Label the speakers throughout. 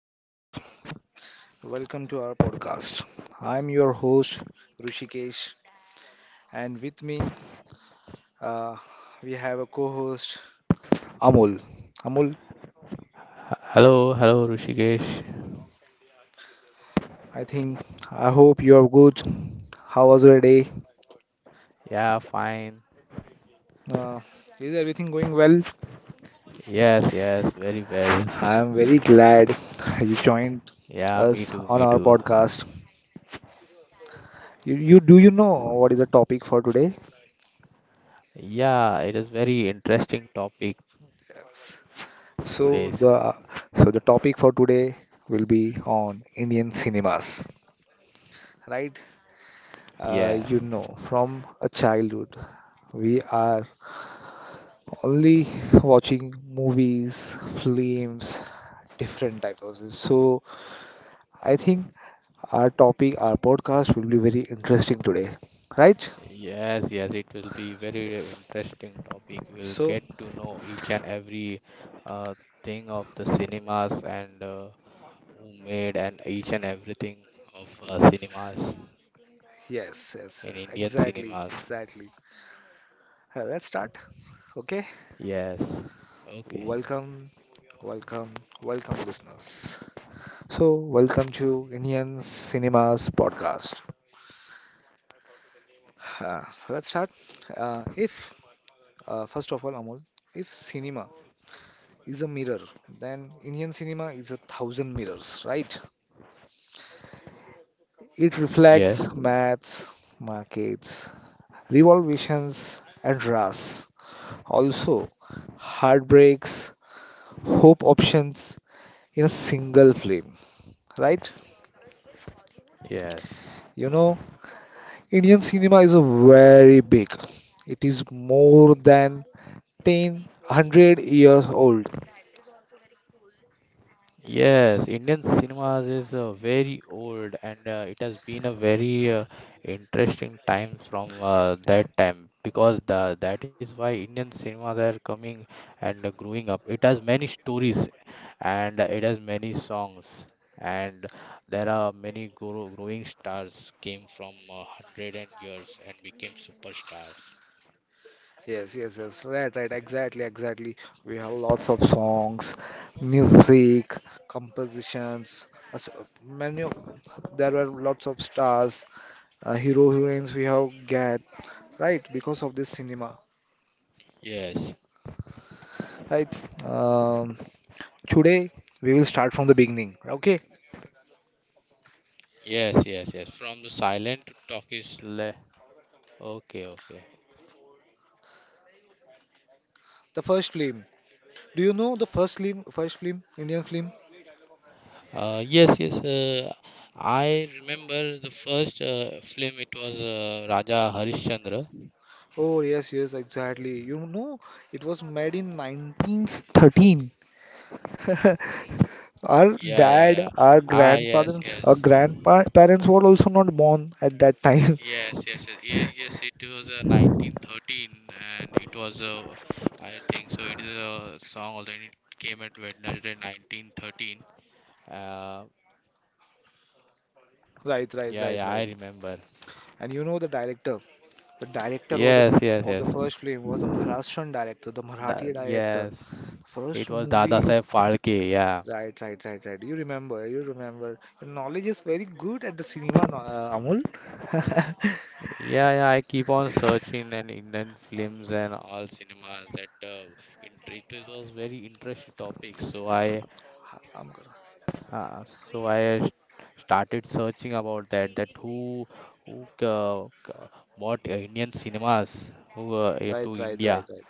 Speaker 1: namaskar. Welcome to our podcast. I am your host Rishikesh, and with me uh, we have a co-host Amul. Amul,
Speaker 2: Hello, hello, Rushikesh.
Speaker 1: I think I hope you are good. How was your day?
Speaker 2: Yeah, fine.
Speaker 1: Uh, is everything going well?
Speaker 2: Yes, yes, very well.
Speaker 1: I am very glad you joined
Speaker 2: Yeah, me
Speaker 1: us
Speaker 2: too,
Speaker 1: on
Speaker 2: me
Speaker 1: our
Speaker 2: too.
Speaker 1: podcast. You do you know what is the topic for today?
Speaker 2: Yeah, it is very interesting topic
Speaker 1: So
Speaker 2: today's.
Speaker 1: the so the topic for today will be on Indian cinemas, right?
Speaker 2: Yes,
Speaker 1: You know, from a childhood, we are only watching movies, films, different types of things. So I think our podcast will be very interesting today, right?
Speaker 2: yes, yes, it will be very
Speaker 1: Yes.
Speaker 2: interesting topic. We'll
Speaker 1: So
Speaker 2: get to know each and every uh, thing of the cinemas and who made and each and everything of
Speaker 1: yes,
Speaker 2: cinemas
Speaker 1: yes, yes,
Speaker 2: in Indian
Speaker 1: exactly,
Speaker 2: cinemas.
Speaker 1: exactly. Let's start. Okay.
Speaker 2: Yes. Okay.
Speaker 1: Welcome Welcome, welcome, listeners. So, welcome to Indian Cinemas podcast. Uh, let's start. If, First of all, Amol, if cinema is a mirror, then Indian cinema is a thousand mirrors, right? It
Speaker 2: Yeah.
Speaker 1: reflects maths, markets, revolutions, and ras. Also, heartbreaks, hope options in a single film, right?
Speaker 2: Yes.
Speaker 1: You know, Indian cinema is a very big. It is more than 10, 100 years old.
Speaker 2: Yes, Indian cinemas is very old and it has been a very interesting times from that time because that is why Indian cinemas are coming and growing up. It has many stories and it has many songs and there are many growing stars came from hundred and years and became superstars.
Speaker 1: Yes, yes, yes. Right, right. Exactly, exactly. We have lots of songs, music, compositions. as- Many of, there were lots of stars, hero heroines we have get right because of this cinema.
Speaker 2: Yes,
Speaker 1: Right. Um, Today we will start from the beginning. Okay.
Speaker 2: yes, yes, yes. From the silent to talkish le. Okay, okay.
Speaker 1: The first film. Do you know the first film? First film, Indian film.
Speaker 2: Yes, yes. I remember the first film. It was Raja Harishchandra.
Speaker 1: Oh, yes, yes, exactly. You know, it was made in 1913. Our
Speaker 2: Yeah, yeah,
Speaker 1: dad,
Speaker 2: yeah.
Speaker 1: our
Speaker 2: Ah, yes,
Speaker 1: grandfathers, our
Speaker 2: yes,
Speaker 1: grandparents were also not born at that time.
Speaker 2: yes, yes, yes. Yes, it was 1913, and it was I think so. It is a song, although it came at Wednesday 1913. Uh,
Speaker 1: Right, right,
Speaker 2: yeah,
Speaker 1: right,
Speaker 2: yeah, I
Speaker 1: right.
Speaker 2: remember.
Speaker 1: And you know the director. The director was the f-
Speaker 2: Yes, yes,
Speaker 1: of the
Speaker 2: yes.
Speaker 1: first film was a Maharashtrian director, the
Speaker 2: Da
Speaker 1: Marathi director.
Speaker 2: Yes,
Speaker 1: First
Speaker 2: it was Dada
Speaker 1: movie.
Speaker 2: Saheb Phalke. Yeah.
Speaker 1: Right, right, right, right. You remember, you remember. Your knowledge is very good at the cinema, Amul.
Speaker 2: Yeah, yeah, I keep on searching and Indian films and all cinemas that interest it was very interesting topic.
Speaker 1: I'm gonna-
Speaker 2: Uh, so I started searching about that. That who bought Indian cinemas
Speaker 1: Right,
Speaker 2: to
Speaker 1: right, right,
Speaker 2: India.
Speaker 1: right.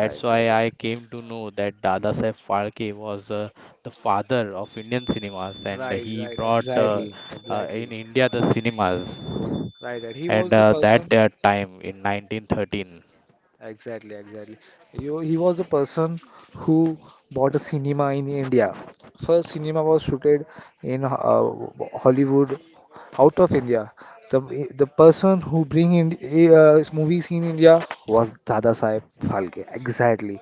Speaker 1: Right, right,
Speaker 2: why
Speaker 1: right.
Speaker 2: I came to know that Dada Saheb Phalke was the father of Indian cinemas, and
Speaker 1: Right,
Speaker 2: he
Speaker 1: right,
Speaker 2: brought
Speaker 1: exactly, exactly.
Speaker 2: in India the cinemas
Speaker 1: Right, right. He
Speaker 2: and
Speaker 1: was the
Speaker 2: that
Speaker 1: person.
Speaker 2: time in 1913.
Speaker 1: Exactly, exactly. You, he was the person who bought a cinema in India. First cinema was shooted in Hollywood, out of India. The person who bring in movies in India was Dada Saheb Phalke. Exactly.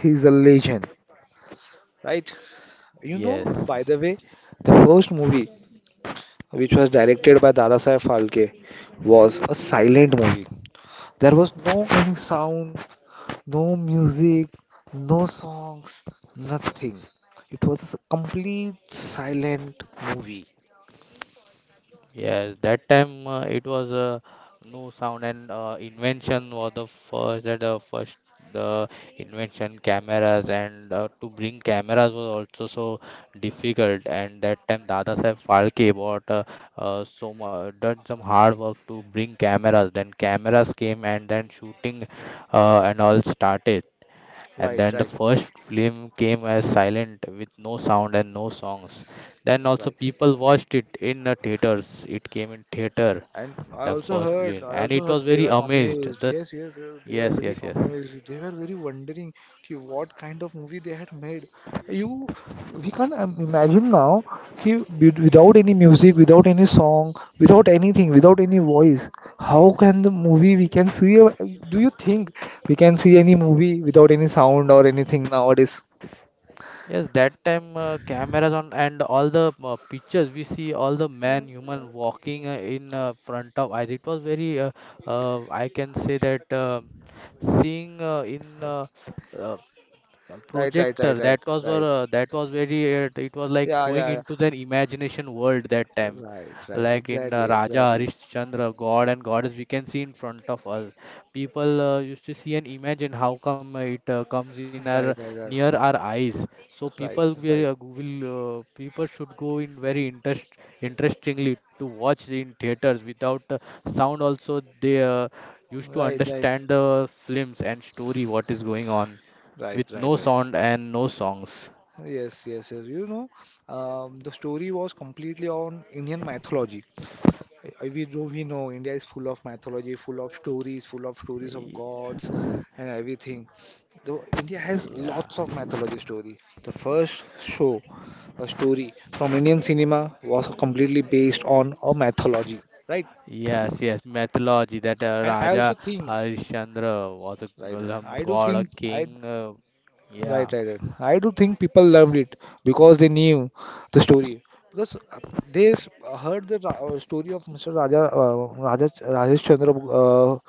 Speaker 1: He's a legend, right? You know,
Speaker 2: Yes,
Speaker 1: by the way, the first movie which was directed by Dadasaheb Phalke, was a silent movie. There was no any sound, no music, no songs, nothing. It was a complete silent movie.
Speaker 2: yes, that time it was no sound and invention was the first that first the invention cameras and to bring cameras was also so difficult, and that time Dada Saheb Phalke bought, so much done some hard work to bring cameras. Then cameras came and then shooting and all started. And
Speaker 1: Right,
Speaker 2: then the
Speaker 1: right,
Speaker 2: first film came as silent with no sound and no songs. Then also
Speaker 1: right.
Speaker 2: people watched it in the theaters. It came in theater,
Speaker 1: And I
Speaker 2: the
Speaker 1: also
Speaker 2: first
Speaker 1: heard,
Speaker 2: film,
Speaker 1: I
Speaker 2: and
Speaker 1: also
Speaker 2: it
Speaker 1: heard
Speaker 2: was
Speaker 1: they
Speaker 2: very
Speaker 1: were
Speaker 2: amazed.
Speaker 1: amazed.
Speaker 2: The
Speaker 1: Yes, yes, yes, they were
Speaker 2: Yes,
Speaker 1: very
Speaker 2: yes, yes.
Speaker 1: amazed. They were very wondering ki what kind of movie they had made. You, we can't imagine now ki without any music, without any song, without anything, without any voice, how can the movie we can see? Do you think we can see any movie without any sound or anything nowadays?
Speaker 2: Yes, that time cameras on and all the pictures we see, all the man human walking in front of eyes. It was very I can say that seeing in uh, a
Speaker 1: Right, right, right,
Speaker 2: projector
Speaker 1: right, right.
Speaker 2: that was very it was like
Speaker 1: Yeah,
Speaker 2: going
Speaker 1: yeah, yeah.
Speaker 2: into the imagination world that time,
Speaker 1: Right, right.
Speaker 2: like in
Speaker 1: Exactly,
Speaker 2: Raja
Speaker 1: exactly.
Speaker 2: Harishchandra, god and goddess we can see in front of us. People used to see and imagine how come it comes in our
Speaker 1: Right, right,
Speaker 2: near
Speaker 1: right,
Speaker 2: our eyes, so people
Speaker 1: right,
Speaker 2: will,
Speaker 1: right.
Speaker 2: people should go in very interestingly to watch in theaters without sound also. They used to
Speaker 1: Right, right,
Speaker 2: understand the films and story what is going on
Speaker 1: right,
Speaker 2: with
Speaker 1: right,
Speaker 2: no
Speaker 1: right.
Speaker 2: sound and no songs.
Speaker 1: Yes, yes, yes. You know, the story was completely on Indian mythology. We know India is full of mythology, full of stories of
Speaker 2: Y-
Speaker 1: gods and everything. Though India has
Speaker 2: Yeah,
Speaker 1: lots of mythology story. The first show, a story from Indian cinema was completely based on a mythology, right?
Speaker 2: yes, yes, mythology that
Speaker 1: And I
Speaker 2: Raja
Speaker 1: also think,
Speaker 2: Harishchandra was a
Speaker 1: right,
Speaker 2: g- um,
Speaker 1: I do
Speaker 2: god, a
Speaker 1: think, I
Speaker 2: king.
Speaker 1: Right,
Speaker 2: Yeah,
Speaker 1: right, right. I do think people loved it because they knew the story. Because heard the story of Mr. Raja,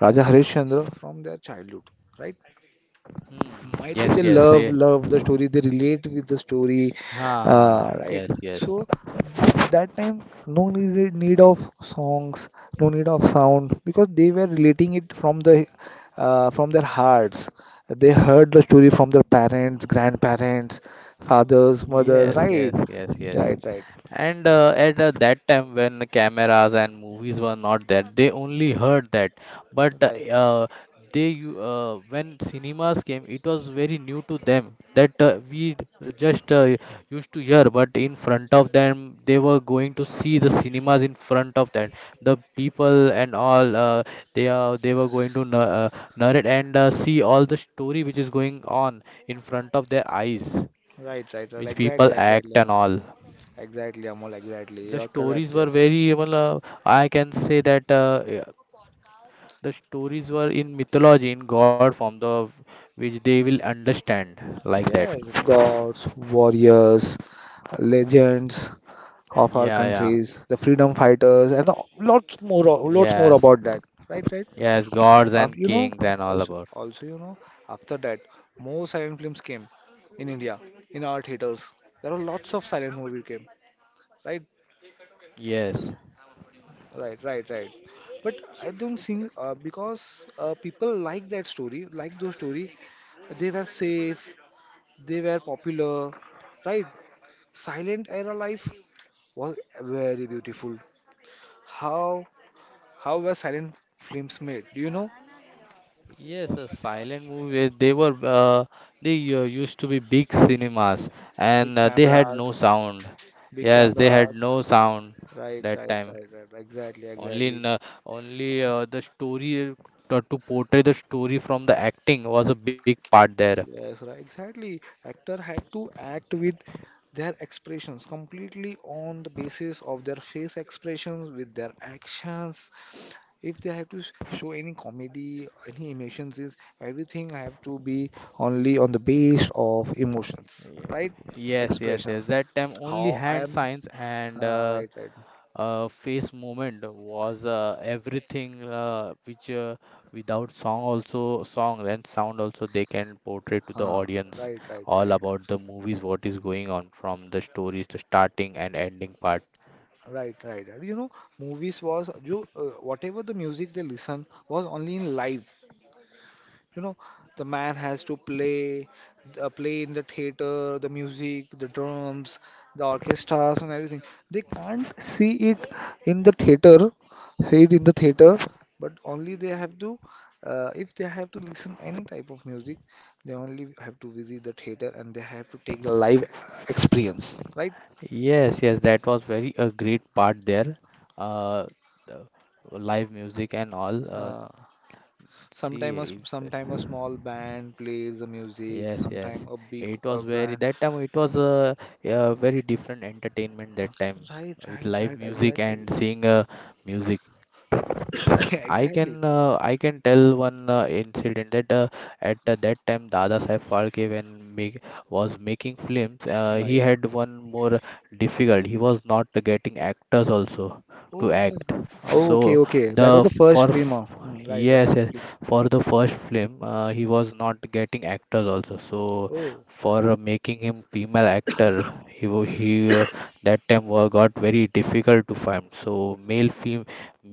Speaker 1: Raja Harish Chandra from their childhood, right?
Speaker 2: hmm,
Speaker 1: Might be
Speaker 2: yes,
Speaker 1: they
Speaker 2: yes,
Speaker 1: love
Speaker 2: they,
Speaker 1: love the story, they relate with the story,
Speaker 2: ha, ha, yes,
Speaker 1: right.
Speaker 2: yes.
Speaker 1: So that time no need of songs, no need of sound, because they were relating it from the from their hearts. They heard the story from their parents, grandparents, fathers, mothers,
Speaker 2: Yes, yes,
Speaker 1: right,
Speaker 2: yes, yes.
Speaker 1: right, right,
Speaker 2: And at that time, when the cameras and movies were not there, they only heard that. But uh,
Speaker 1: right,
Speaker 2: uh, when cinemas came, it was very new to them that just used to hear. But in front of them, they were going to see the cinemas in front of them. The people and all, they were going to narrate and see all the story which is going on in front of their eyes,
Speaker 1: right, right, right.
Speaker 2: which people
Speaker 1: Exactly,
Speaker 2: act
Speaker 1: exactly,
Speaker 2: and
Speaker 1: Amol.
Speaker 2: all.
Speaker 1: Exactly, Amol, exactly,
Speaker 2: The
Speaker 1: you're
Speaker 2: stories
Speaker 1: correct, you're
Speaker 2: were
Speaker 1: correct.
Speaker 2: very well. I can say that yeah, the stories were in mythology, in God form, the which they will understand like that.
Speaker 1: Yes, gods, warriors, legends of our
Speaker 2: Yeah, yeah,
Speaker 1: countries, the freedom fighters, and lots more, lots more
Speaker 2: yes,
Speaker 1: about that. Right, right.
Speaker 2: yes, gods and
Speaker 1: After, you know,
Speaker 2: kings and all
Speaker 1: also,
Speaker 2: about.
Speaker 1: also, you know, after that, more silent films came in India, in our theaters. There are lots of silent movie came. Right,
Speaker 2: Yes,
Speaker 1: right, right, right. But I don't think because people like that story, like those story, they were safe, they were popular, right? Silent era life was very beautiful. How How were silent films made? Do you know?
Speaker 2: yes, a silent movie where they were they used to be big cinemas,
Speaker 1: Big
Speaker 2: and they had no
Speaker 1: cameras,
Speaker 2: sound.
Speaker 1: Big
Speaker 2: Yes, they had
Speaker 1: cameras.
Speaker 2: no sound
Speaker 1: Right,
Speaker 2: that
Speaker 1: right,
Speaker 2: time.
Speaker 1: right, right, right. Exactly,
Speaker 2: Only
Speaker 1: exactly.
Speaker 2: in, uh, only the story, to portray the story from the acting was a big part there.
Speaker 1: Yes, right, exactly. Actor had to act with their expressions completely on the basis of their face expressions, with their actions. If they have to show any comedy, any emotions, is everything have to be only on the base of emotions,
Speaker 2: Yeah.
Speaker 1: right?
Speaker 2: Yes, yes, yes.
Speaker 1: Expressions.
Speaker 2: That time only
Speaker 1: How I
Speaker 2: hand
Speaker 1: am,
Speaker 2: signs and
Speaker 1: right, right.
Speaker 2: face movement was everything, which without song also, song and sound also, they can portray to the
Speaker 1: Huh,
Speaker 2: audience
Speaker 1: right, right,
Speaker 2: all
Speaker 1: right,
Speaker 2: about the movies, what is going on from the stories, the starting and ending part.
Speaker 1: right, right, right. You know, movies was you whatever the music they listen was only in live. You know, the man has to play in the theater, the music, the drums, the orchestras and everything. They can't see it in the theater, but only they have to, if they have to listen any type of music, they only have to visit the theater and they have to take the live experience, right?
Speaker 2: Yes, yes, that was very a great part there. Uh, the live music and all.
Speaker 1: Uh,
Speaker 2: See
Speaker 1: Sometime
Speaker 2: if
Speaker 1: sometime a small band plays the music,
Speaker 2: Yes, yes,
Speaker 1: sometime a big
Speaker 2: it was very
Speaker 1: band.
Speaker 2: that time it was a very different entertainment that time
Speaker 1: Right,
Speaker 2: with
Speaker 1: right,
Speaker 2: live
Speaker 1: right.
Speaker 2: music
Speaker 1: Exactly,
Speaker 2: and seeing music. I
Speaker 1: exactly.
Speaker 2: can uh, I can tell one incident that at that time Dada Saheb Phalke, was making films, he
Speaker 1: Right.
Speaker 2: had one more difficult, he was not getting actors also to
Speaker 1: Oh yes.
Speaker 2: act.
Speaker 1: Oh, okay,
Speaker 2: so
Speaker 1: okay. That was the
Speaker 2: the for
Speaker 1: first film.
Speaker 2: f-
Speaker 1: Hmm, right, right.
Speaker 2: yes, yes,
Speaker 1: Please.
Speaker 2: for the first film, he was not getting actors also. So
Speaker 1: Oh,
Speaker 2: for making him female actor, he that time got very difficult to find. So male film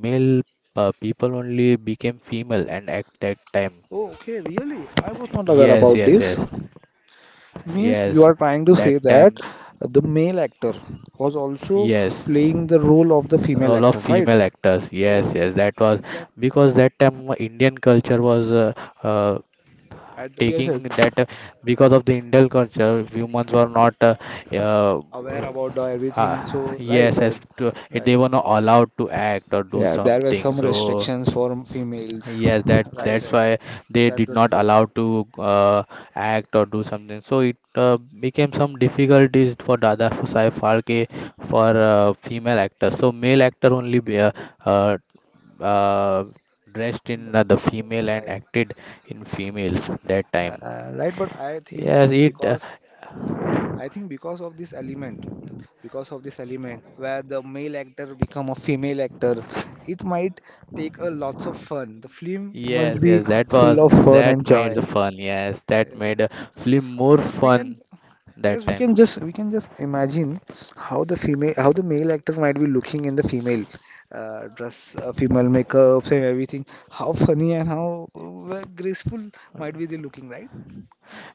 Speaker 2: male uh, people only became female and at that time.
Speaker 1: oh, okay. Really, I was not aware
Speaker 2: Yes,
Speaker 1: about
Speaker 2: yes, yes,
Speaker 1: this. Means
Speaker 2: yes.
Speaker 1: you are trying to
Speaker 2: That
Speaker 1: say
Speaker 2: time,
Speaker 1: that the male actor was also
Speaker 2: yes.
Speaker 1: playing the role of the female
Speaker 2: Role of
Speaker 1: actor, right?
Speaker 2: female actors. Yes,
Speaker 1: Oh,
Speaker 2: yes. That was
Speaker 1: exactly.
Speaker 2: because that time Indian culture was uh,
Speaker 1: At the, yes,
Speaker 2: taking
Speaker 1: yes.
Speaker 2: that, because of the Indian culture, humans were not. Uh,
Speaker 1: Aware
Speaker 2: g-
Speaker 1: about the everything. So right,
Speaker 2: yes,
Speaker 1: right,
Speaker 2: yes.
Speaker 1: right.
Speaker 2: They were not allowed to act or do
Speaker 1: Yeah, there were
Speaker 2: something.
Speaker 1: some
Speaker 2: So
Speaker 1: restrictions for females.
Speaker 2: yes, that
Speaker 1: Right,
Speaker 2: that's
Speaker 1: right.
Speaker 2: why they
Speaker 1: That's
Speaker 2: did
Speaker 1: the
Speaker 2: not
Speaker 1: reason.
Speaker 2: allow to act or do something. So it became some difficulties for Dada Sai Phalke for female actors. So male actor only uh, uh, dressed in the female and
Speaker 1: Right,
Speaker 2: acted in female that time.
Speaker 1: right. But I think
Speaker 2: Yes, it.
Speaker 1: because because of this element, where the male actor become a female actor, it might take a lots of fun. The film must
Speaker 2: Yes,
Speaker 1: be
Speaker 2: yes, that
Speaker 1: full
Speaker 2: was,
Speaker 1: of fun
Speaker 2: that
Speaker 1: and
Speaker 2: made
Speaker 1: joy.
Speaker 2: the fun. Yes, that
Speaker 1: Uh,
Speaker 2: made a film more
Speaker 1: we can.
Speaker 2: fun
Speaker 1: Yes,
Speaker 2: that time.
Speaker 1: we can just imagine how the male actor might be looking in the female dress, female makeups and everything. How funny and how graceful might be they looking, right?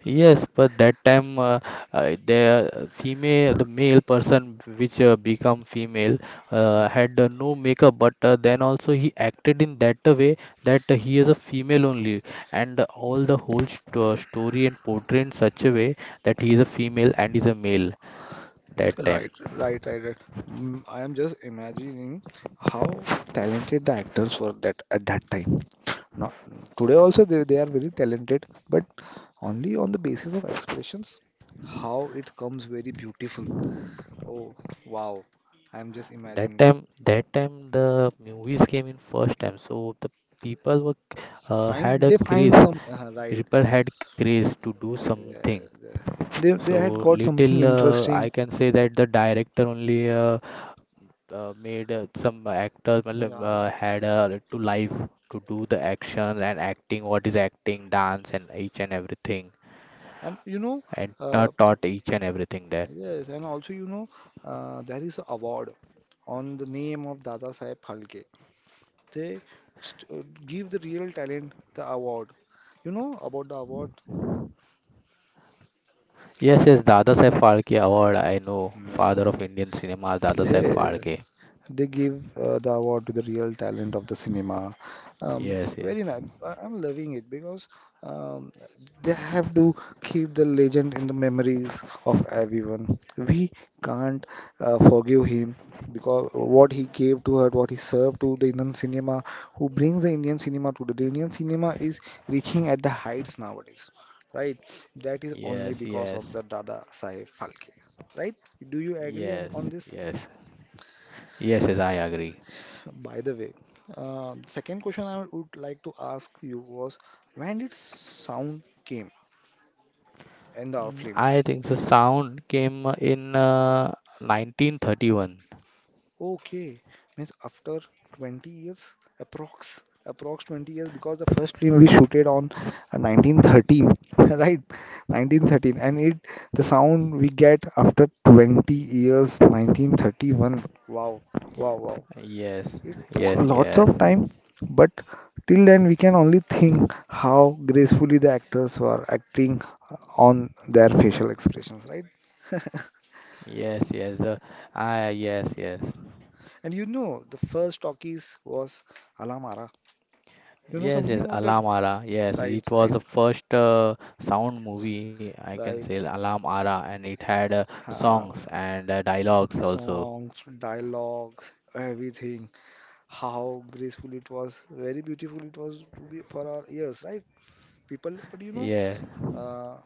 Speaker 2: Yes, but that time the female, the male person which become female had no makeup, but then also he acted in that a way that he is a female only, and all the whole st story and portray in such a way that he is a female and is a male that time.
Speaker 1: Right, right, right, right. Mm, I am just imagining how talented the actors were that at that time. Not today also, they are very talented, but only on the basis of expressions. How it comes very beautiful. Oh, wow. I'm just
Speaker 2: That
Speaker 1: imagining.
Speaker 2: time, that time the movies came in first time, so the people were
Speaker 1: So
Speaker 2: had
Speaker 1: find
Speaker 2: a
Speaker 1: they
Speaker 2: craze.
Speaker 1: find some right.
Speaker 2: People had craze to do something. So
Speaker 1: They had got
Speaker 2: little,
Speaker 1: something
Speaker 2: I
Speaker 1: interesting.
Speaker 2: can say that the director only made some actors
Speaker 1: Yeah,
Speaker 2: matlab,
Speaker 1: yeah, yeah.
Speaker 2: had to life to do the action and acting, what is acting, dance and each and everything,
Speaker 1: And you know,
Speaker 2: and ta-
Speaker 1: uh,
Speaker 2: taught each and everything that.
Speaker 1: yes, and also you know, there is a award on the name of Dada Saheb Phalke. They give the real talent the award. You know about the award?
Speaker 2: Yes, yes, Dada Saib Phalke award I know,
Speaker 1: Yeah.
Speaker 2: father of Indian cinema, Dada Saib
Speaker 1: Yeah.
Speaker 2: Phalke.
Speaker 1: They give the award to the real talent of the cinema.
Speaker 2: Yes, yes,
Speaker 1: Very nice. I'm loving it because um, they have to keep the legend in the memories of everyone. We can't forgive him because what he gave to her, what he served to the Indian cinema, who brings the Indian cinema to the Indian cinema is reaching at the heights nowadays, right? That is
Speaker 2: yes,
Speaker 1: only
Speaker 2: yes,
Speaker 1: because of the Dada Saheb Phalke, right? Do you
Speaker 2: yes,
Speaker 1: agree on
Speaker 2: yes,
Speaker 1: this?
Speaker 2: yes, yes, yes, I agree.
Speaker 1: By the way, the second question I would like to ask you was when did sound came in our
Speaker 2: Mm,
Speaker 1: films?
Speaker 2: I think the sound came in 1931.
Speaker 1: Okay, means after 20 years, approx 20 years because the first film we shooted on 1913, right? 1913, and it the sound we get after 20 years, 1931. Wow, wow, wow.
Speaker 2: Yes,
Speaker 1: It took
Speaker 2: yes,
Speaker 1: lots
Speaker 2: yes,
Speaker 1: of time, but till then we can only think how gracefully the actors were acting on their facial expressions, right?
Speaker 2: yes, yes. Yes, yes,
Speaker 1: And you know, the first talkies was Alamara. You know
Speaker 2: yes,
Speaker 1: something
Speaker 2: yes.
Speaker 1: about that?
Speaker 2: Alarm Ara. Yes,
Speaker 1: Right,
Speaker 2: it was
Speaker 1: right,
Speaker 2: the first sound movie, I can say,
Speaker 1: right.
Speaker 2: Alarm Ara, and it had
Speaker 1: Uh,
Speaker 2: songs and dialogues also.
Speaker 1: Songs, dialogues, everything. How graceful it was. Very beautiful it was to be for our ears, right? People, but you know,
Speaker 2: Yes,
Speaker 1: uh,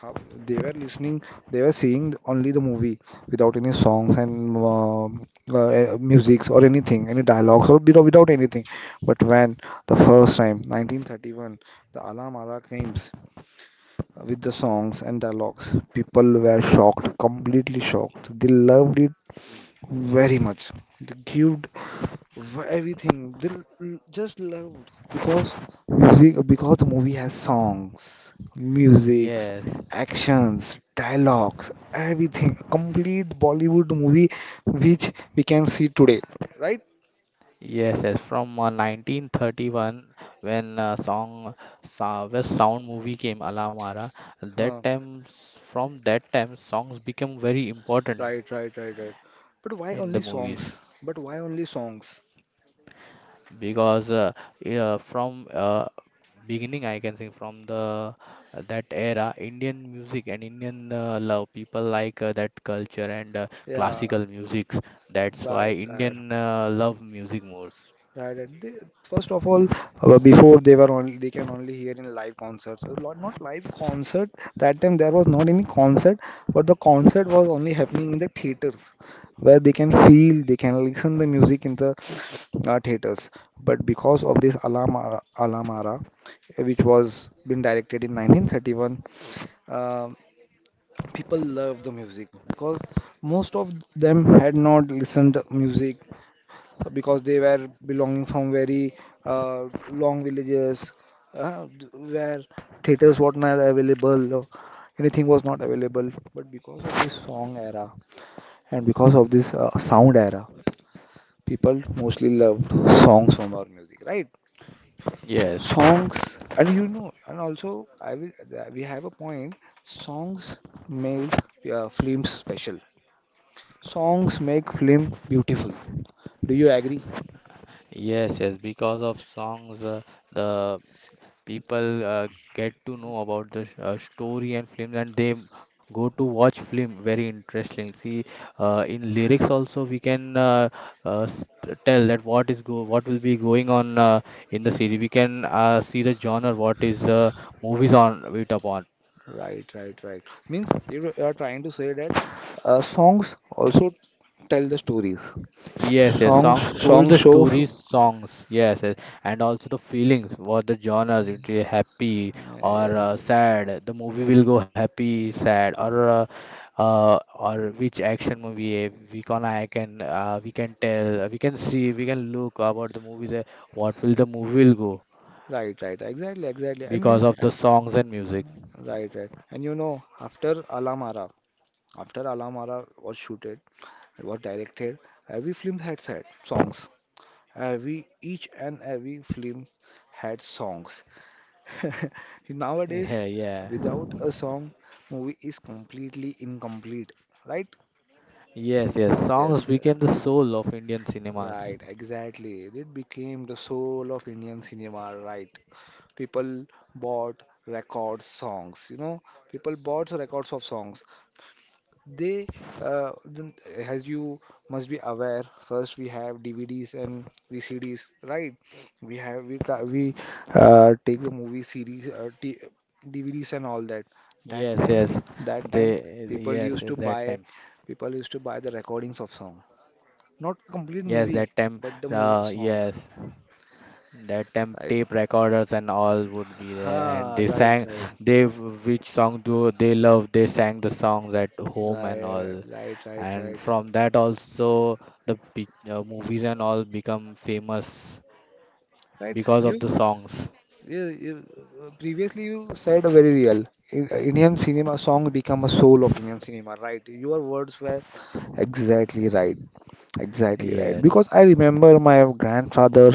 Speaker 1: how they were listening, they were seeing only the movie without any songs and musics or anything, any dialogues, or without anything. But when the first time 1931 the Alam Ara came with the songs and dialogues, people were shocked, completely shocked, they loved it very much. So. The cute everything. They just love because music, because the movie has songs, musics,
Speaker 2: yes.
Speaker 1: actions, dialogues, everything. A complete Bollywood movie which we can see today, right?
Speaker 2: Yes, yes, from 1931, when song sa West Sound movie came Alamara, that
Speaker 1: Huh.
Speaker 2: time from that time songs become very important
Speaker 1: Right, right, right, right. But why
Speaker 2: in
Speaker 1: only
Speaker 2: the movies,
Speaker 1: songs? But why only songs?
Speaker 2: because yeah, from beginning I can say from the that era Indian music and Indian love, people like that culture and
Speaker 1: Yeah,
Speaker 2: classical musics. That's why
Speaker 1: right, right.
Speaker 2: Indian love music more.
Speaker 1: Right. And they, first of all, before they were only they can only hear in live concerts. Not not live concert. That time there was not any concert, but the concert was only happening in the theaters, where they can feel, they can listen the music in the theaters. But because of this Alamara, Alamara, which was been directed in 1931, um, people loved the music because most of them had not listened music because they were belonging from very long villages uh, where theaters were not available or anything was not available, but because of this song era and because of this sound era, people mostly loved songs from our music, right?
Speaker 2: Yes.
Speaker 1: Songs, and you know and also I will we have a point. Songs make films special. Songs make film beautiful. Do you agree?
Speaker 2: Yes, yes, because of songs, the people get to know about the story and films, and they go to watch film. Very interesting. See, in lyrics also we can tell that what will be going on in the series. We can see the genre, what is movies on it upon.
Speaker 1: Right, right, right. Means you are trying to say that songs also tell the stories.
Speaker 2: Yes, yes,
Speaker 1: Songs,
Speaker 2: songs told the
Speaker 1: songs show.
Speaker 2: stories, songs, yes, yes, and also the feelings, what the genres, it is happy or
Speaker 1: Yes, yes.
Speaker 2: sad. The movie will go happy, sad, or which action movie, we can tell, we can see, we can look about the movies. What will the movie will go
Speaker 1: Right, right. Exactly, exactly. And you
Speaker 2: because
Speaker 1: know,
Speaker 2: of the
Speaker 1: and,
Speaker 2: songs and music.
Speaker 1: right, right. And after Alamara, was shooted, it was directed, every film had had songs. Every each and every film had songs. Nowadays,
Speaker 2: Yeah, yeah,
Speaker 1: without a song, movie is completely incomplete. Right?
Speaker 2: yes, yes. Songs
Speaker 1: Yes, yes.
Speaker 2: became the soul of Indian cinemas.
Speaker 1: Right, exactly. It became the soul of Indian cinema, right? People bought records, songs, people bought records of songs. They, then, as you must be aware, first we have DVDs and VCDs, right? We have, we, ca- we take the movie series, t DVDs and all
Speaker 2: Yes,
Speaker 1: that.
Speaker 2: yes,
Speaker 1: That time,
Speaker 2: they
Speaker 1: that time,
Speaker 2: yes, yes, that
Speaker 1: people
Speaker 2: time.
Speaker 1: used to buy, people used to buy the recordings of songs. Not complete
Speaker 2: Yes, that
Speaker 1: movie,
Speaker 2: time,
Speaker 1: but the movie
Speaker 2: yes,
Speaker 1: songs,
Speaker 2: that time
Speaker 1: right?
Speaker 2: tape recorders and all would be there, and
Speaker 1: Ah,
Speaker 2: they
Speaker 1: right,
Speaker 2: sang,
Speaker 1: right,
Speaker 2: which song do they love? They sang the songs at home and
Speaker 1: right,
Speaker 2: all,
Speaker 1: right, right,
Speaker 2: and
Speaker 1: right,
Speaker 2: from that also the movies and all become famous
Speaker 1: right.
Speaker 2: because of the
Speaker 1: You,
Speaker 2: songs.
Speaker 1: you, you previously you said very real. Indian cinema song become a soul of Indian cinema, right? Your words were exactly right. Exactly right.
Speaker 2: Yes,
Speaker 1: Because I remember my grandfather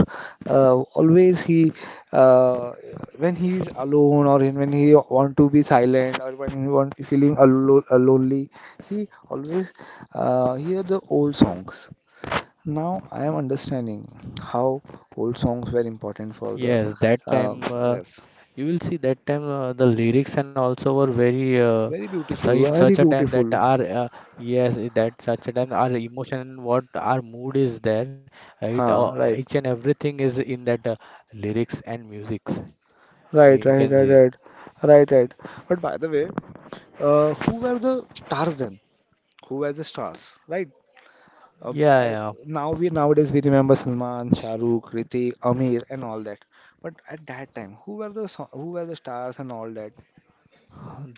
Speaker 1: always he uh, when he is alone or in, when he want to be silent or when he want feeling alone, lonely, he always hear the old songs. Now I am understanding how old songs were important for the
Speaker 2: yes, that time.
Speaker 1: uh,
Speaker 2: Uh,
Speaker 1: rest.
Speaker 2: You will see that time the lyrics and also were very uh,
Speaker 1: Very
Speaker 2: so
Speaker 1: beautiful,
Speaker 2: in
Speaker 1: very
Speaker 2: such a time that
Speaker 1: beautiful.
Speaker 2: our yes I- that such a time our emotion and what our mood is there it
Speaker 1: Huh, right,
Speaker 2: each and everything is in that lyrics and musics
Speaker 1: right,
Speaker 2: you
Speaker 1: right,
Speaker 2: can see.
Speaker 1: right, right, right, right. But by the way, who were the stars then? Who were the stars, right? Uh,
Speaker 2: Yeah,
Speaker 1: I,
Speaker 2: yeah.
Speaker 1: nowadays we remember Salman, Shah Rukh, Ritik, Amir, and all that. But at that time, who were the stars and all that,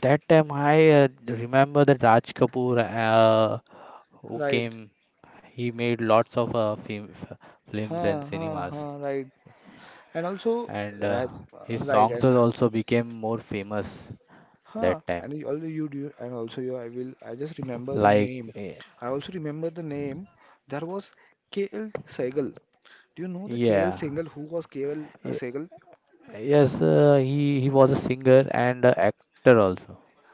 Speaker 2: That time I remember that Raj Kapoor who
Speaker 1: right?
Speaker 2: came. He made lots of films and
Speaker 1: Huh, huh,
Speaker 2: cinemas,
Speaker 1: huh, right. And also,
Speaker 2: and
Speaker 1: as,
Speaker 2: his
Speaker 1: right,
Speaker 2: songs
Speaker 1: and
Speaker 2: has also became more famous
Speaker 1: huh,
Speaker 2: that time.
Speaker 1: and you, also you do, and also you, I will, I just remember the
Speaker 2: Like,
Speaker 1: name.
Speaker 2: eh,
Speaker 1: I also remember the name. There was KL Sehgal. Do you know the KL
Speaker 2: yeah,
Speaker 1: Sehgal? Who was KL
Speaker 2: Y-
Speaker 1: Sehgal?
Speaker 2: yes, he was a singer and a actor also.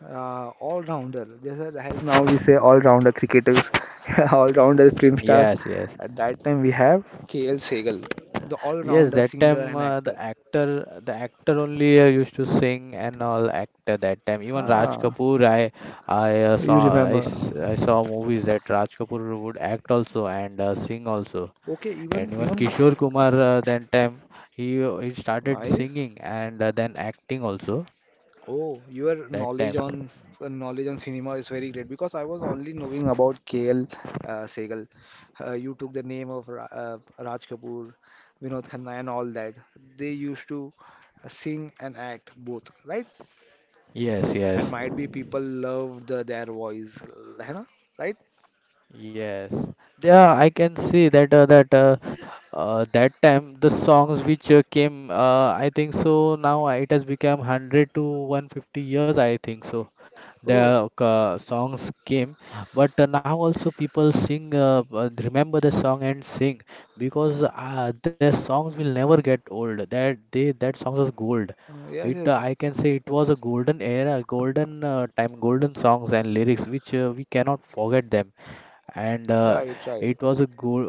Speaker 1: All rounder. Just as now we say all rounder cricketers, all rounder film stars.
Speaker 2: Yes, yes,
Speaker 1: At that time we have KL Segal, the all
Speaker 2: yes.
Speaker 1: rounder
Speaker 2: That
Speaker 1: singer
Speaker 2: time,
Speaker 1: and actor.
Speaker 2: the actor only used to sing and all actor that time. Even Raj
Speaker 1: Ah,
Speaker 2: Kapoor, I, I uh,
Speaker 1: you
Speaker 2: saw, I,
Speaker 1: remember?
Speaker 2: s- I saw movies that Raj Kapoor would act also and sing also.
Speaker 1: Okay, even
Speaker 2: And even
Speaker 1: even
Speaker 2: Kishore Kumar, that time, he started
Speaker 1: nice.
Speaker 2: singing and then acting also
Speaker 1: Oh, your
Speaker 2: that
Speaker 1: knowledge
Speaker 2: time.
Speaker 1: on knowledge on cinema is very great because I was only knowing about KL Segal. You took the name of Ra Raj Kapoor, Vinod Khanna, and all that. They used to sing and act both, right?
Speaker 2: Yes,
Speaker 1: And
Speaker 2: yes.
Speaker 1: might be people love their voice है ना, right.
Speaker 2: Yes, yeah, I can see that that time the songs which came, I think so. Now it has become 100 to 150 years, I think so.
Speaker 1: Oh,
Speaker 2: The songs came, but now also people sing, remember the song and sing because their songs will never get old. That they that songs was gold.
Speaker 1: yes,
Speaker 2: It
Speaker 1: yes,
Speaker 2: I can say it was a golden era, golden time, golden songs and lyrics which we cannot forget them and
Speaker 1: right, right.
Speaker 2: it was a good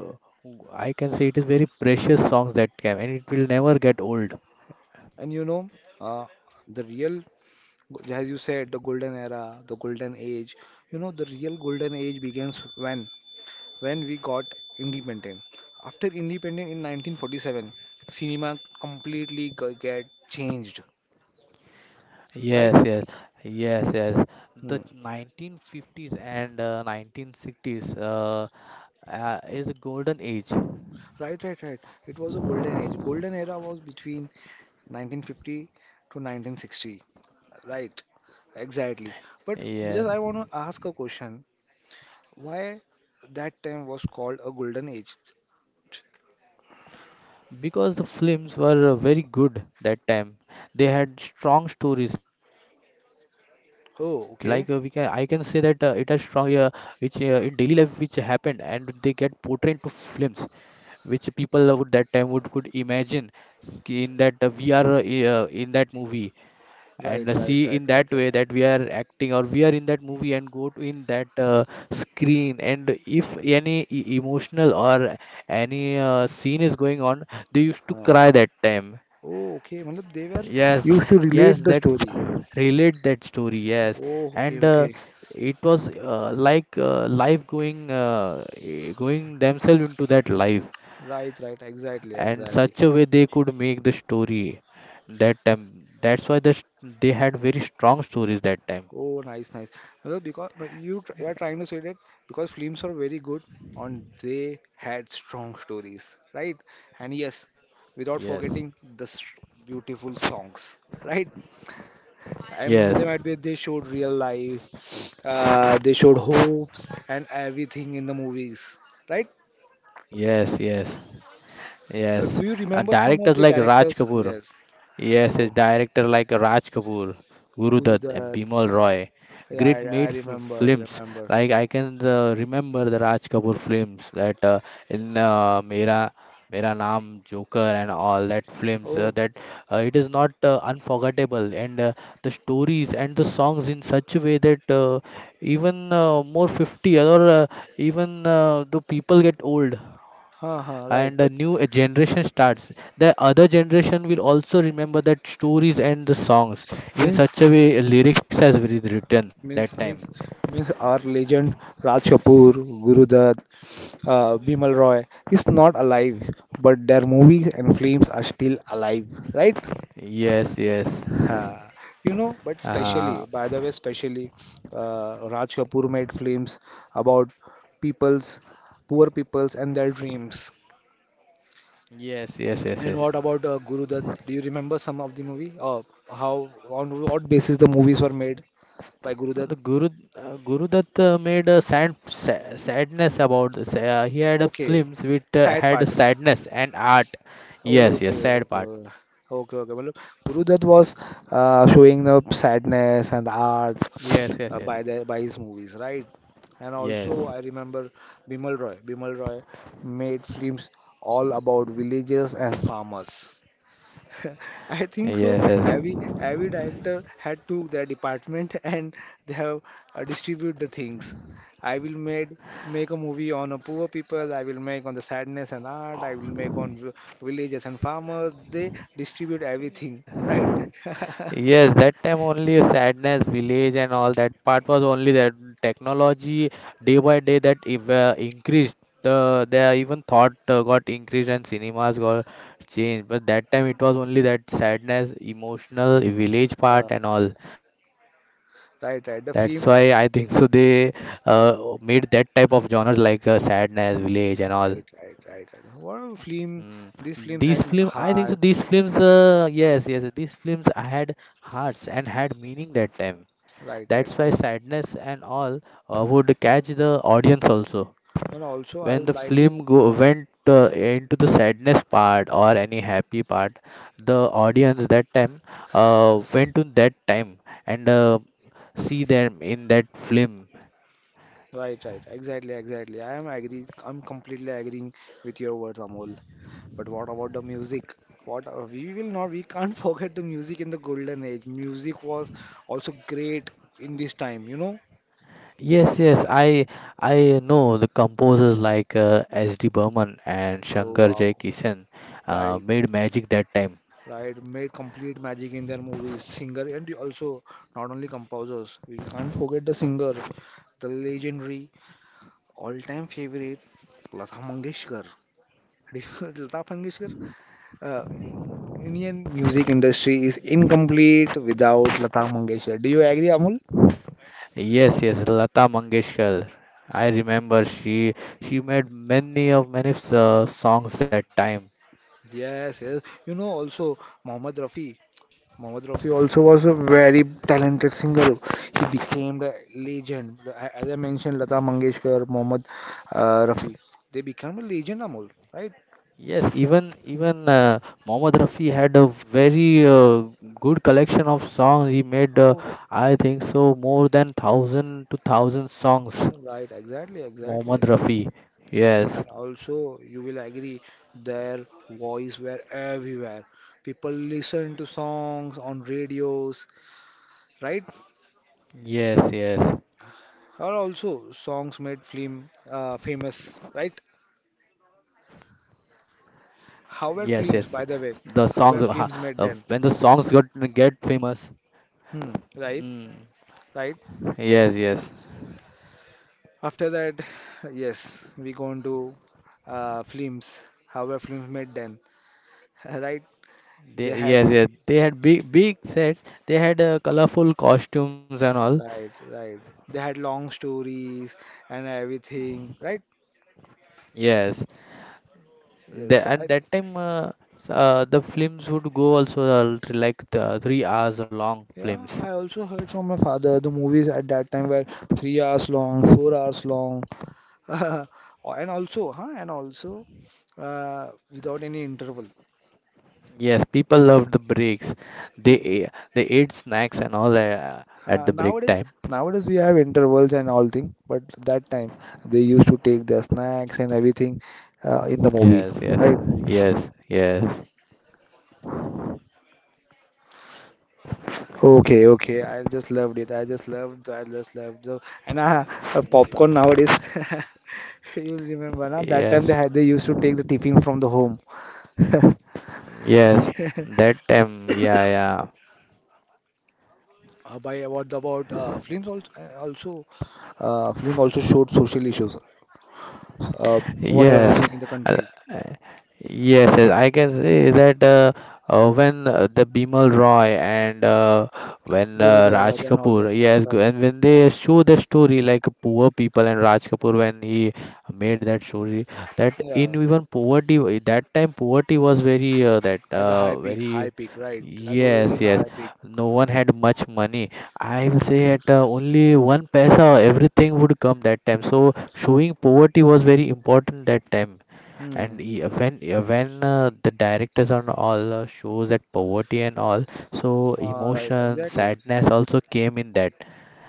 Speaker 2: I can say it is very precious songs that came and it will never get old.
Speaker 1: And uh, the real, as you said, the golden era, the golden age, the real golden age begins when we got independent. After independent in 1947, cinema completely get changed, right.
Speaker 2: Yes, yes, yes, yes. The
Speaker 1: Hmm.
Speaker 2: 1950s and 1960s is a golden age.
Speaker 1: Right, right, right. It was a golden age. Golden era was between 1950 to 1960. Right, exactly. But
Speaker 2: Yeah,
Speaker 1: just I want to ask a question. Why that time was called a golden age?
Speaker 2: because the films were very good that time. They had strong stories. I can say that it has
Speaker 1: Oh,
Speaker 2: strong,
Speaker 1: okay.
Speaker 2: which in daily life which happened, and they get portrayed into films, which people would that time would could imagine ki in that we are I- in that movie and
Speaker 1: Right,
Speaker 2: see
Speaker 1: right,
Speaker 2: in
Speaker 1: right,
Speaker 2: that
Speaker 1: right,
Speaker 2: way
Speaker 1: right.
Speaker 2: that we are acting or we are in that movie and go to in that screen. And if any emotional or any scene is going on, they used to
Speaker 1: Huh.
Speaker 2: cry that time.
Speaker 1: Oh, okay. मतलब they were
Speaker 2: Yes,
Speaker 1: used to
Speaker 2: yes,
Speaker 1: relate the
Speaker 2: that
Speaker 1: story.
Speaker 2: relate that story, yes.
Speaker 1: Oh, okay,
Speaker 2: And
Speaker 1: okay.
Speaker 2: it was like life going going themselves into that life
Speaker 1: Right, right, exactly,
Speaker 2: and
Speaker 1: exactly.
Speaker 2: such a way they could make the story that time. That's why they had very strong stories that time.
Speaker 1: Oh, nice, nice. Well, because but you are trying to say that because films are very good and they had strong stories, right? And yes, without
Speaker 2: Yes,
Speaker 1: forgetting the beautiful songs, right? I
Speaker 2: yes,
Speaker 1: They might be they showed real life, they showed hopes and everything in the movies, right?
Speaker 2: yes, yes, yes.
Speaker 1: Do you remember some of
Speaker 2: Directors
Speaker 1: the
Speaker 2: like Raj
Speaker 1: directors?
Speaker 2: Kapoor.
Speaker 1: Yes.
Speaker 2: Yes, his
Speaker 1: Oh,
Speaker 2: director like Raj Kapoor, Guru
Speaker 1: Guru
Speaker 2: Dutt, and
Speaker 1: Dutt.
Speaker 2: Bimal Roy.
Speaker 1: Yeah,
Speaker 2: Great
Speaker 1: I
Speaker 2: made f-
Speaker 1: remember,
Speaker 2: films.
Speaker 1: remember.
Speaker 2: Like I can remember the Raj Kapoor films that in Mera Mera Naam, Joker, and all that films.
Speaker 1: Oh,
Speaker 2: That It is not unforgettable, and the stories and the songs in such a way that even more 50 or even the people get old
Speaker 1: huh, huh, right.
Speaker 2: and a
Speaker 1: But
Speaker 2: new generation starts, the other generation will also remember that stories and the songs. In
Speaker 1: means
Speaker 2: such a way lyrics has been written that
Speaker 1: means
Speaker 2: time.
Speaker 1: means means our legend Raj Kapoor, Guru Dutt, Bimal Roy is not alive, but their movies and films are still alive, right?
Speaker 2: Yes, yes,
Speaker 1: Ha. But
Speaker 2: uh,
Speaker 1: specially, by the way, specially, Raj Kapoor made films about people's, poor people's and their dreams.
Speaker 2: yes, yes, yes,
Speaker 1: And
Speaker 2: yes.
Speaker 1: what about Guru Dutt? Do you remember some of the movie? Or how, on what basis the movies were made by Guru Dutt?
Speaker 2: The guru Gurudat made sa- sadness about this. He had a
Speaker 1: Okay,
Speaker 2: films which
Speaker 1: sad
Speaker 2: had
Speaker 1: parts.
Speaker 2: sadness and art. Yes, yes,
Speaker 1: Okay, okay,
Speaker 2: sad part.
Speaker 1: okay, okay, okay. Matlab, Guru Dutt was showing the sadness and the art
Speaker 2: Yes, yes, yes,
Speaker 1: by the by his movies, right? And also
Speaker 2: yes,
Speaker 1: I remember Bimal Roy. Bimal Roy made films all about villages and farmers. I think so.
Speaker 2: yes, yes.
Speaker 1: Every director had to their department and they have distribute the things. I will made make a movie on a poor people. I will make on the sadness and art. I will make on villages and farmers. They distribute everything, right?
Speaker 2: Yes, that time only a sadness, village, and all that part was only that technology day by day that if, increased. The their even thought got increased and cinemas got changed. But that time it was only that sadness, emotional village
Speaker 1: Uh,
Speaker 2: part and all. That's why I think so
Speaker 1: right, right. The
Speaker 2: they
Speaker 1: film.
Speaker 2: made that type of genres like sadness, village, and all.
Speaker 1: Right, right, right, right. What a
Speaker 2: Mm.
Speaker 1: film? These
Speaker 2: These
Speaker 1: films
Speaker 2: film,
Speaker 1: had
Speaker 2: I think so, these
Speaker 1: heart.
Speaker 2: films, yes, yes, these films had hearts and had meaning that time.
Speaker 1: Right, right,
Speaker 2: That's why
Speaker 1: right.
Speaker 2: sadness and all would catch the audience also.
Speaker 1: And also, I
Speaker 2: When
Speaker 1: would
Speaker 2: the
Speaker 1: like to.
Speaker 2: film go went into the sadness part or any happy part, the audience that time went to that time and see them in that film.
Speaker 1: Right, right. Exactly, exactly. I am agree. I'm completely agreeing with your words, Amol. But what about the music? We will not, we can't forget the music in the golden age. Music was also great in this time, you know?
Speaker 2: Yes, yes, I know the composers like S.D. Burman and
Speaker 1: Oh
Speaker 2: Shankar Jai
Speaker 1: wow.
Speaker 2: Kishan
Speaker 1: Right,
Speaker 2: made magic that time.
Speaker 1: right. Made complete magic in their movies. Singer and also not only composers. We can't forget the singer, the legendary. All-time favorite Lata Mangeshkar. Lata Mangeshkar, uh, Indian music industry is incomplete without Lata Mangeshkar. Do you agree, Amul?
Speaker 2: Yes, yes, Lata Mangeshkar. I remember she made many songs that time.
Speaker 1: Yes, yes. Also, Mohammed Rafi. Mohammed Rafi also was a very talented singer. He became the legend. As I mentioned, Lata Mangeshkar, Mohammed Rafi, they became a legend, Amul, right?
Speaker 2: Yes, even Mohammad Rafi had a very good collection of songs. He made
Speaker 1: Oh,
Speaker 2: I think so more than thousand to thousand songs.
Speaker 1: so right, exactly, exactly,
Speaker 2: Mohammad Rafi.
Speaker 1: exactly. And
Speaker 2: Yes,
Speaker 1: also, you will agree, their voice were everywhere. People listened to songs on radios, right?
Speaker 2: yes, yes.
Speaker 1: Or also, songs made film famous, right?
Speaker 2: Yes, yes.
Speaker 1: How were films,
Speaker 2: The
Speaker 1: by the way?
Speaker 2: songs,
Speaker 1: How were films
Speaker 2: when
Speaker 1: made
Speaker 2: the
Speaker 1: then?
Speaker 2: songs got get famous.
Speaker 1: Hmm, right,
Speaker 2: Mm.
Speaker 1: right.
Speaker 2: Yes, yes.
Speaker 1: After that, yes, we go into films. How were films made then? Right? They
Speaker 2: They,
Speaker 1: had,
Speaker 2: yes, yes, they had big, big sets. They had colorful costumes and all.
Speaker 1: right, right. They had long stories and everything, right?
Speaker 2: Yes. They,
Speaker 1: Yes,
Speaker 2: and
Speaker 1: I,
Speaker 2: that time, the films would go also like the 3 hours long
Speaker 1: yeah,
Speaker 2: films.
Speaker 1: I also heard from my father the movies at that time were 3 hours long, 4 hours long, and also, huh, and also without any interval.
Speaker 2: Yes, people loved the breaks.
Speaker 1: You-
Speaker 2: They ate snacks and all at
Speaker 1: huh,
Speaker 2: the break time.
Speaker 1: nowadays we have intervals and all thing, but that time they used to take their snacks and everything in the movie,
Speaker 2: Yes,
Speaker 1: right?
Speaker 2: yes, yes, yes.
Speaker 1: Okay, okay. I just loved it. I just loved. I just loved. And popcorn nowadays. You remember na? That time
Speaker 2: Yes,
Speaker 1: they used to take the tiffin from the home.
Speaker 2: yes, that time, yeah,
Speaker 1: By what about films also, film also showed social issues. Uh,
Speaker 2: yeah.
Speaker 1: Whatever
Speaker 2: Yes,
Speaker 1: happening in the
Speaker 2: uh,
Speaker 1: country.
Speaker 2: yes, yes, I can say that when the Bimal Roy and when
Speaker 1: Guru
Speaker 2: Raj
Speaker 1: Dutt and all the,
Speaker 2: Kapoor, yes,
Speaker 1: right.
Speaker 2: and when they show the story like poor people, and Raj Kapoor when he made that story, that in
Speaker 1: Yeah,
Speaker 2: even poverty that time poverty was very that
Speaker 1: at the high peak, high
Speaker 2: very
Speaker 1: peak. Right, that was very
Speaker 2: yes,
Speaker 1: in the
Speaker 2: yes,
Speaker 1: high peak.
Speaker 2: no one had much money. I will say at only one paisa everything would come that time. So showing poverty was very important that time.
Speaker 1: Hmm.
Speaker 2: And when yeah, when the directors on all shows that poverty and all, so
Speaker 1: Right,
Speaker 2: emotion,
Speaker 1: exactly.
Speaker 2: sadness also came in that.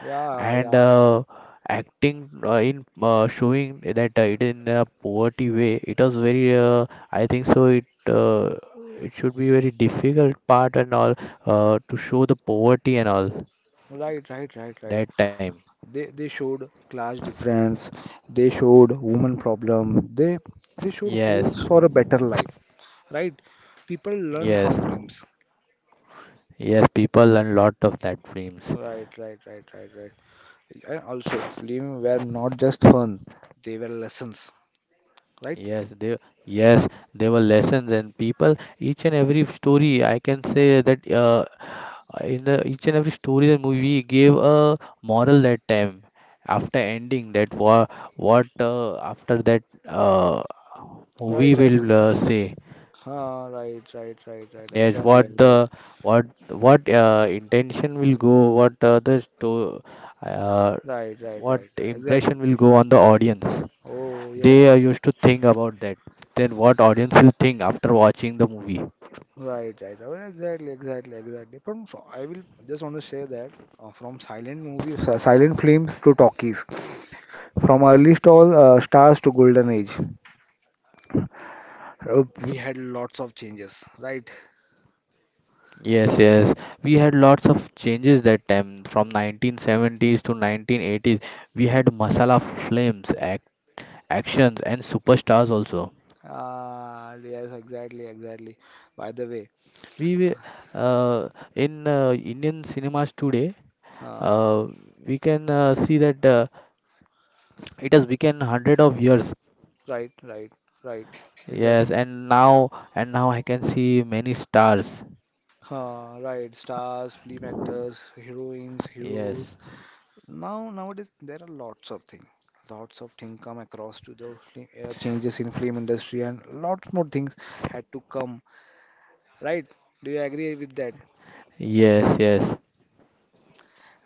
Speaker 1: Yeah, yeah.
Speaker 2: And acting in showing that it in a poverty way, it was very I think so it it should be very difficult part and all to show the poverty and all
Speaker 1: Right, right, right, right.
Speaker 2: that time.
Speaker 1: They showed class difference. They showed woman problem. They showed
Speaker 2: Yes,
Speaker 1: hopes for a better life, right? People learn
Speaker 2: yes,
Speaker 1: from films,
Speaker 2: yes. People learn lot of that films.
Speaker 1: right, right, right, right, right. And also films were not just fun, they were lessons, right,
Speaker 2: Yes, they, yes, there were lessons and people. Each and every story, I can say that in the each and every story the movie gave a moral that time. After ending that, what after that uh, movie
Speaker 1: right, right.
Speaker 2: will say?
Speaker 1: Ah, right, right, right, right,
Speaker 2: Yes,
Speaker 1: exactly,
Speaker 2: what
Speaker 1: exactly,
Speaker 2: the what intention will go? What the sto uh,
Speaker 1: right, right,
Speaker 2: what
Speaker 1: right, right,
Speaker 2: impression
Speaker 1: exactly.
Speaker 2: will go on the audience?
Speaker 1: Oh, yes.
Speaker 2: They used to think about that. Then what audience will think after watching the movie.
Speaker 1: Right, right. Oh, exactly, exactly, exactly. I will just want to say that from silent movies, silent films to talkies, from early stall stars to golden age, we had lots of changes. Right.
Speaker 2: Yes, yes. We had lots of changes that time from 1970s to 1980s. We had masala films, actions and superstars also.
Speaker 1: Yes, exactly, exactly. By the way,
Speaker 2: We wi- uh, in Indian cinemas today,
Speaker 1: uh,
Speaker 2: uh, we can see that it has become hundred of years.
Speaker 1: right, right, right,
Speaker 2: Yes,
Speaker 1: exactly.
Speaker 2: and now I can see many stars.
Speaker 1: Right. Stars, film actors, heroines,
Speaker 2: Yes.
Speaker 1: heroes. Now, nowadays, there are lots of things come across to the changes in film industry, and lots more things had to come, right? Do you agree with that?
Speaker 2: Yes, yes.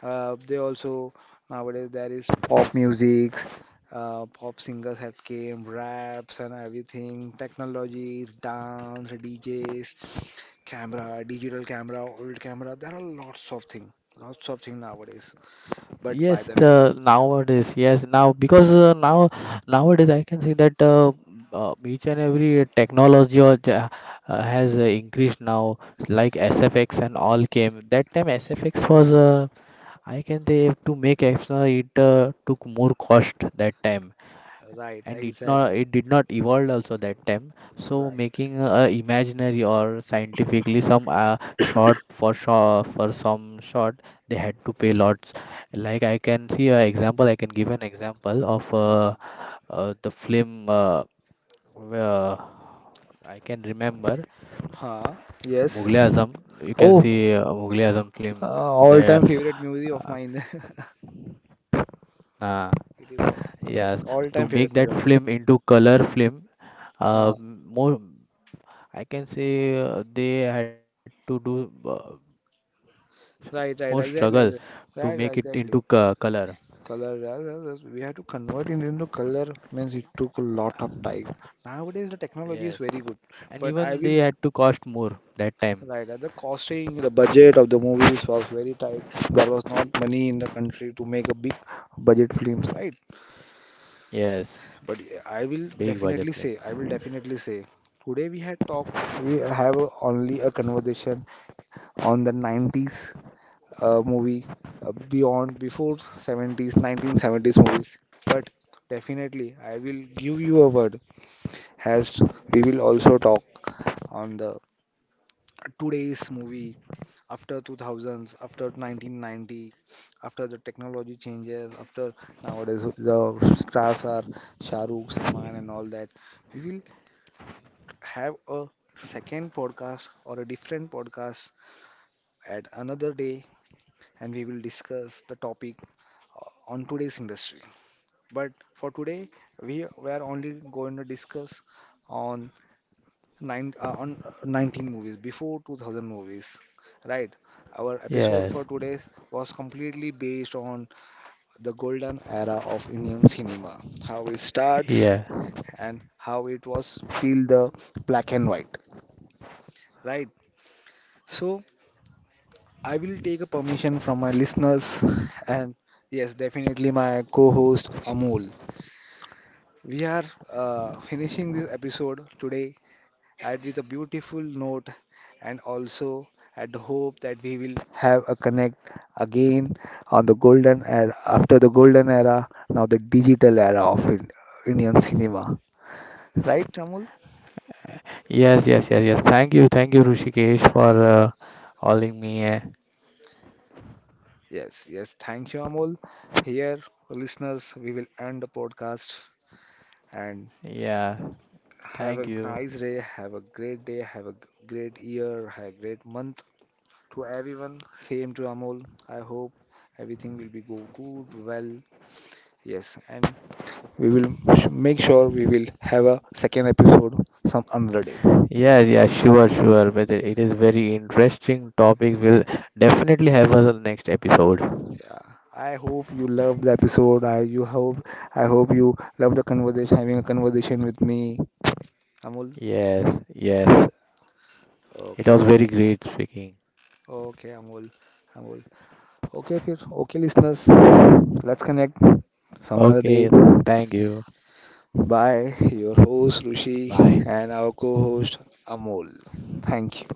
Speaker 1: They also, nowadays there is pop musics, pop singers had came, raps and everything, technologies, dance, DJs, camera, digital camera, old camera. There are lots of things nowadays. But by
Speaker 2: Yes,
Speaker 1: the way,
Speaker 2: the nowadays, yes, now because nowadays I can see that each and every technology or has increased now, like SFX and all came. That time SFX was, I can say, to make extra it took more cost that time
Speaker 1: right?
Speaker 2: and it not
Speaker 1: Exactly,
Speaker 2: it did not evolve also that time. So
Speaker 1: right.
Speaker 2: making imaginary or scientifically some short for sure for some short they had to pay lots. Like I can see a example of
Speaker 1: Uh,
Speaker 2: the film where I can remember
Speaker 1: Huh? Yes.
Speaker 2: Mughal Azam. You can
Speaker 1: Oh,
Speaker 2: see Mughal Azam film there.
Speaker 1: All-time favorite movie of
Speaker 2: uh,
Speaker 1: mine.
Speaker 2: uh,
Speaker 1: It is.
Speaker 2: yes,
Speaker 1: Yes.
Speaker 2: to make
Speaker 1: All-time
Speaker 2: that
Speaker 1: favorite movie of
Speaker 2: film
Speaker 1: mine.
Speaker 2: into color film,
Speaker 1: Huh.
Speaker 2: m- more I can say they had to do more
Speaker 1: Right. Right.
Speaker 2: struggle
Speaker 1: Exactly, exactly.
Speaker 2: to make
Speaker 1: Right,
Speaker 2: it
Speaker 1: right,
Speaker 2: into
Speaker 1: exactly.
Speaker 2: co color.
Speaker 1: Color. Yes, yes, yes, we have to convert it into color. Means it took a lot of time. Nowadays the technology is
Speaker 2: Yes,
Speaker 1: very good,
Speaker 2: and
Speaker 1: but I
Speaker 2: even
Speaker 1: will.
Speaker 2: they had to cost more that time.
Speaker 1: Right, at the costing, the budget of the movies was very tight. There was not money in the country to make a big budget films, right?
Speaker 2: Yes,
Speaker 1: But
Speaker 2: big budget
Speaker 1: I will
Speaker 2: films.
Speaker 1: definitely say, today we had talked, we have only a conversation on the 90s movie, beyond, before 70s, 1970s movies. But definitely, I will give you a word, as we will also talk on the today's movie after 2000s, after 1990, after the technology changes, after nowadays the stars are Shahrukh, Salman, and all that. We will have a second podcast or a different podcast at another day and we will discuss the topic on today's industry. But for today, we were only going to discuss on nine on 19 movies before 2000 movies, right? Our episode for
Speaker 2: Yes,
Speaker 1: today was completely based on the golden era of Indian cinema, how it starts
Speaker 2: yeah,
Speaker 1: and how it was till the black and white, right? So I will take a permission from my listeners and yes, definitely my co-host Amol. We are finishing this episode today at with a beautiful note and also at the hope that we will have a connect again on the golden era after the golden era, now the digital era of Indian cinema. Right, Amol?
Speaker 2: yes, yes, yes, yes. Thank you, Rushikesh, for calling me. Eh.
Speaker 1: Yes, yes. Thank you, Amol. Here, listeners, we will end the podcast and
Speaker 2: Yeah,
Speaker 1: have
Speaker 2: thank
Speaker 1: a
Speaker 2: you.
Speaker 1: nice day, have a great day, have a great year, have a great month to everyone. Same to Amol. I hope everything will be go good, well. Yes, and we will make sure we will have a second episode some another day.
Speaker 2: Yes, yeah, sure, sure. But it is very interesting topic. We'll definitely have us on next episode.
Speaker 1: Yeah. I hope you love the episode. I hope you love the conversation having a conversation with me. Amol.
Speaker 2: Yes, yes. It
Speaker 1: Okay.
Speaker 2: was very great speaking.
Speaker 1: Okay, Amol. Amol. Okay, okay listeners.
Speaker 2: Oh,
Speaker 1: Let's connect some
Speaker 2: okay.
Speaker 1: another day.
Speaker 2: Thank you.
Speaker 1: By your host
Speaker 2: Bye.
Speaker 1: Rishi and our co host Amol. Thank you.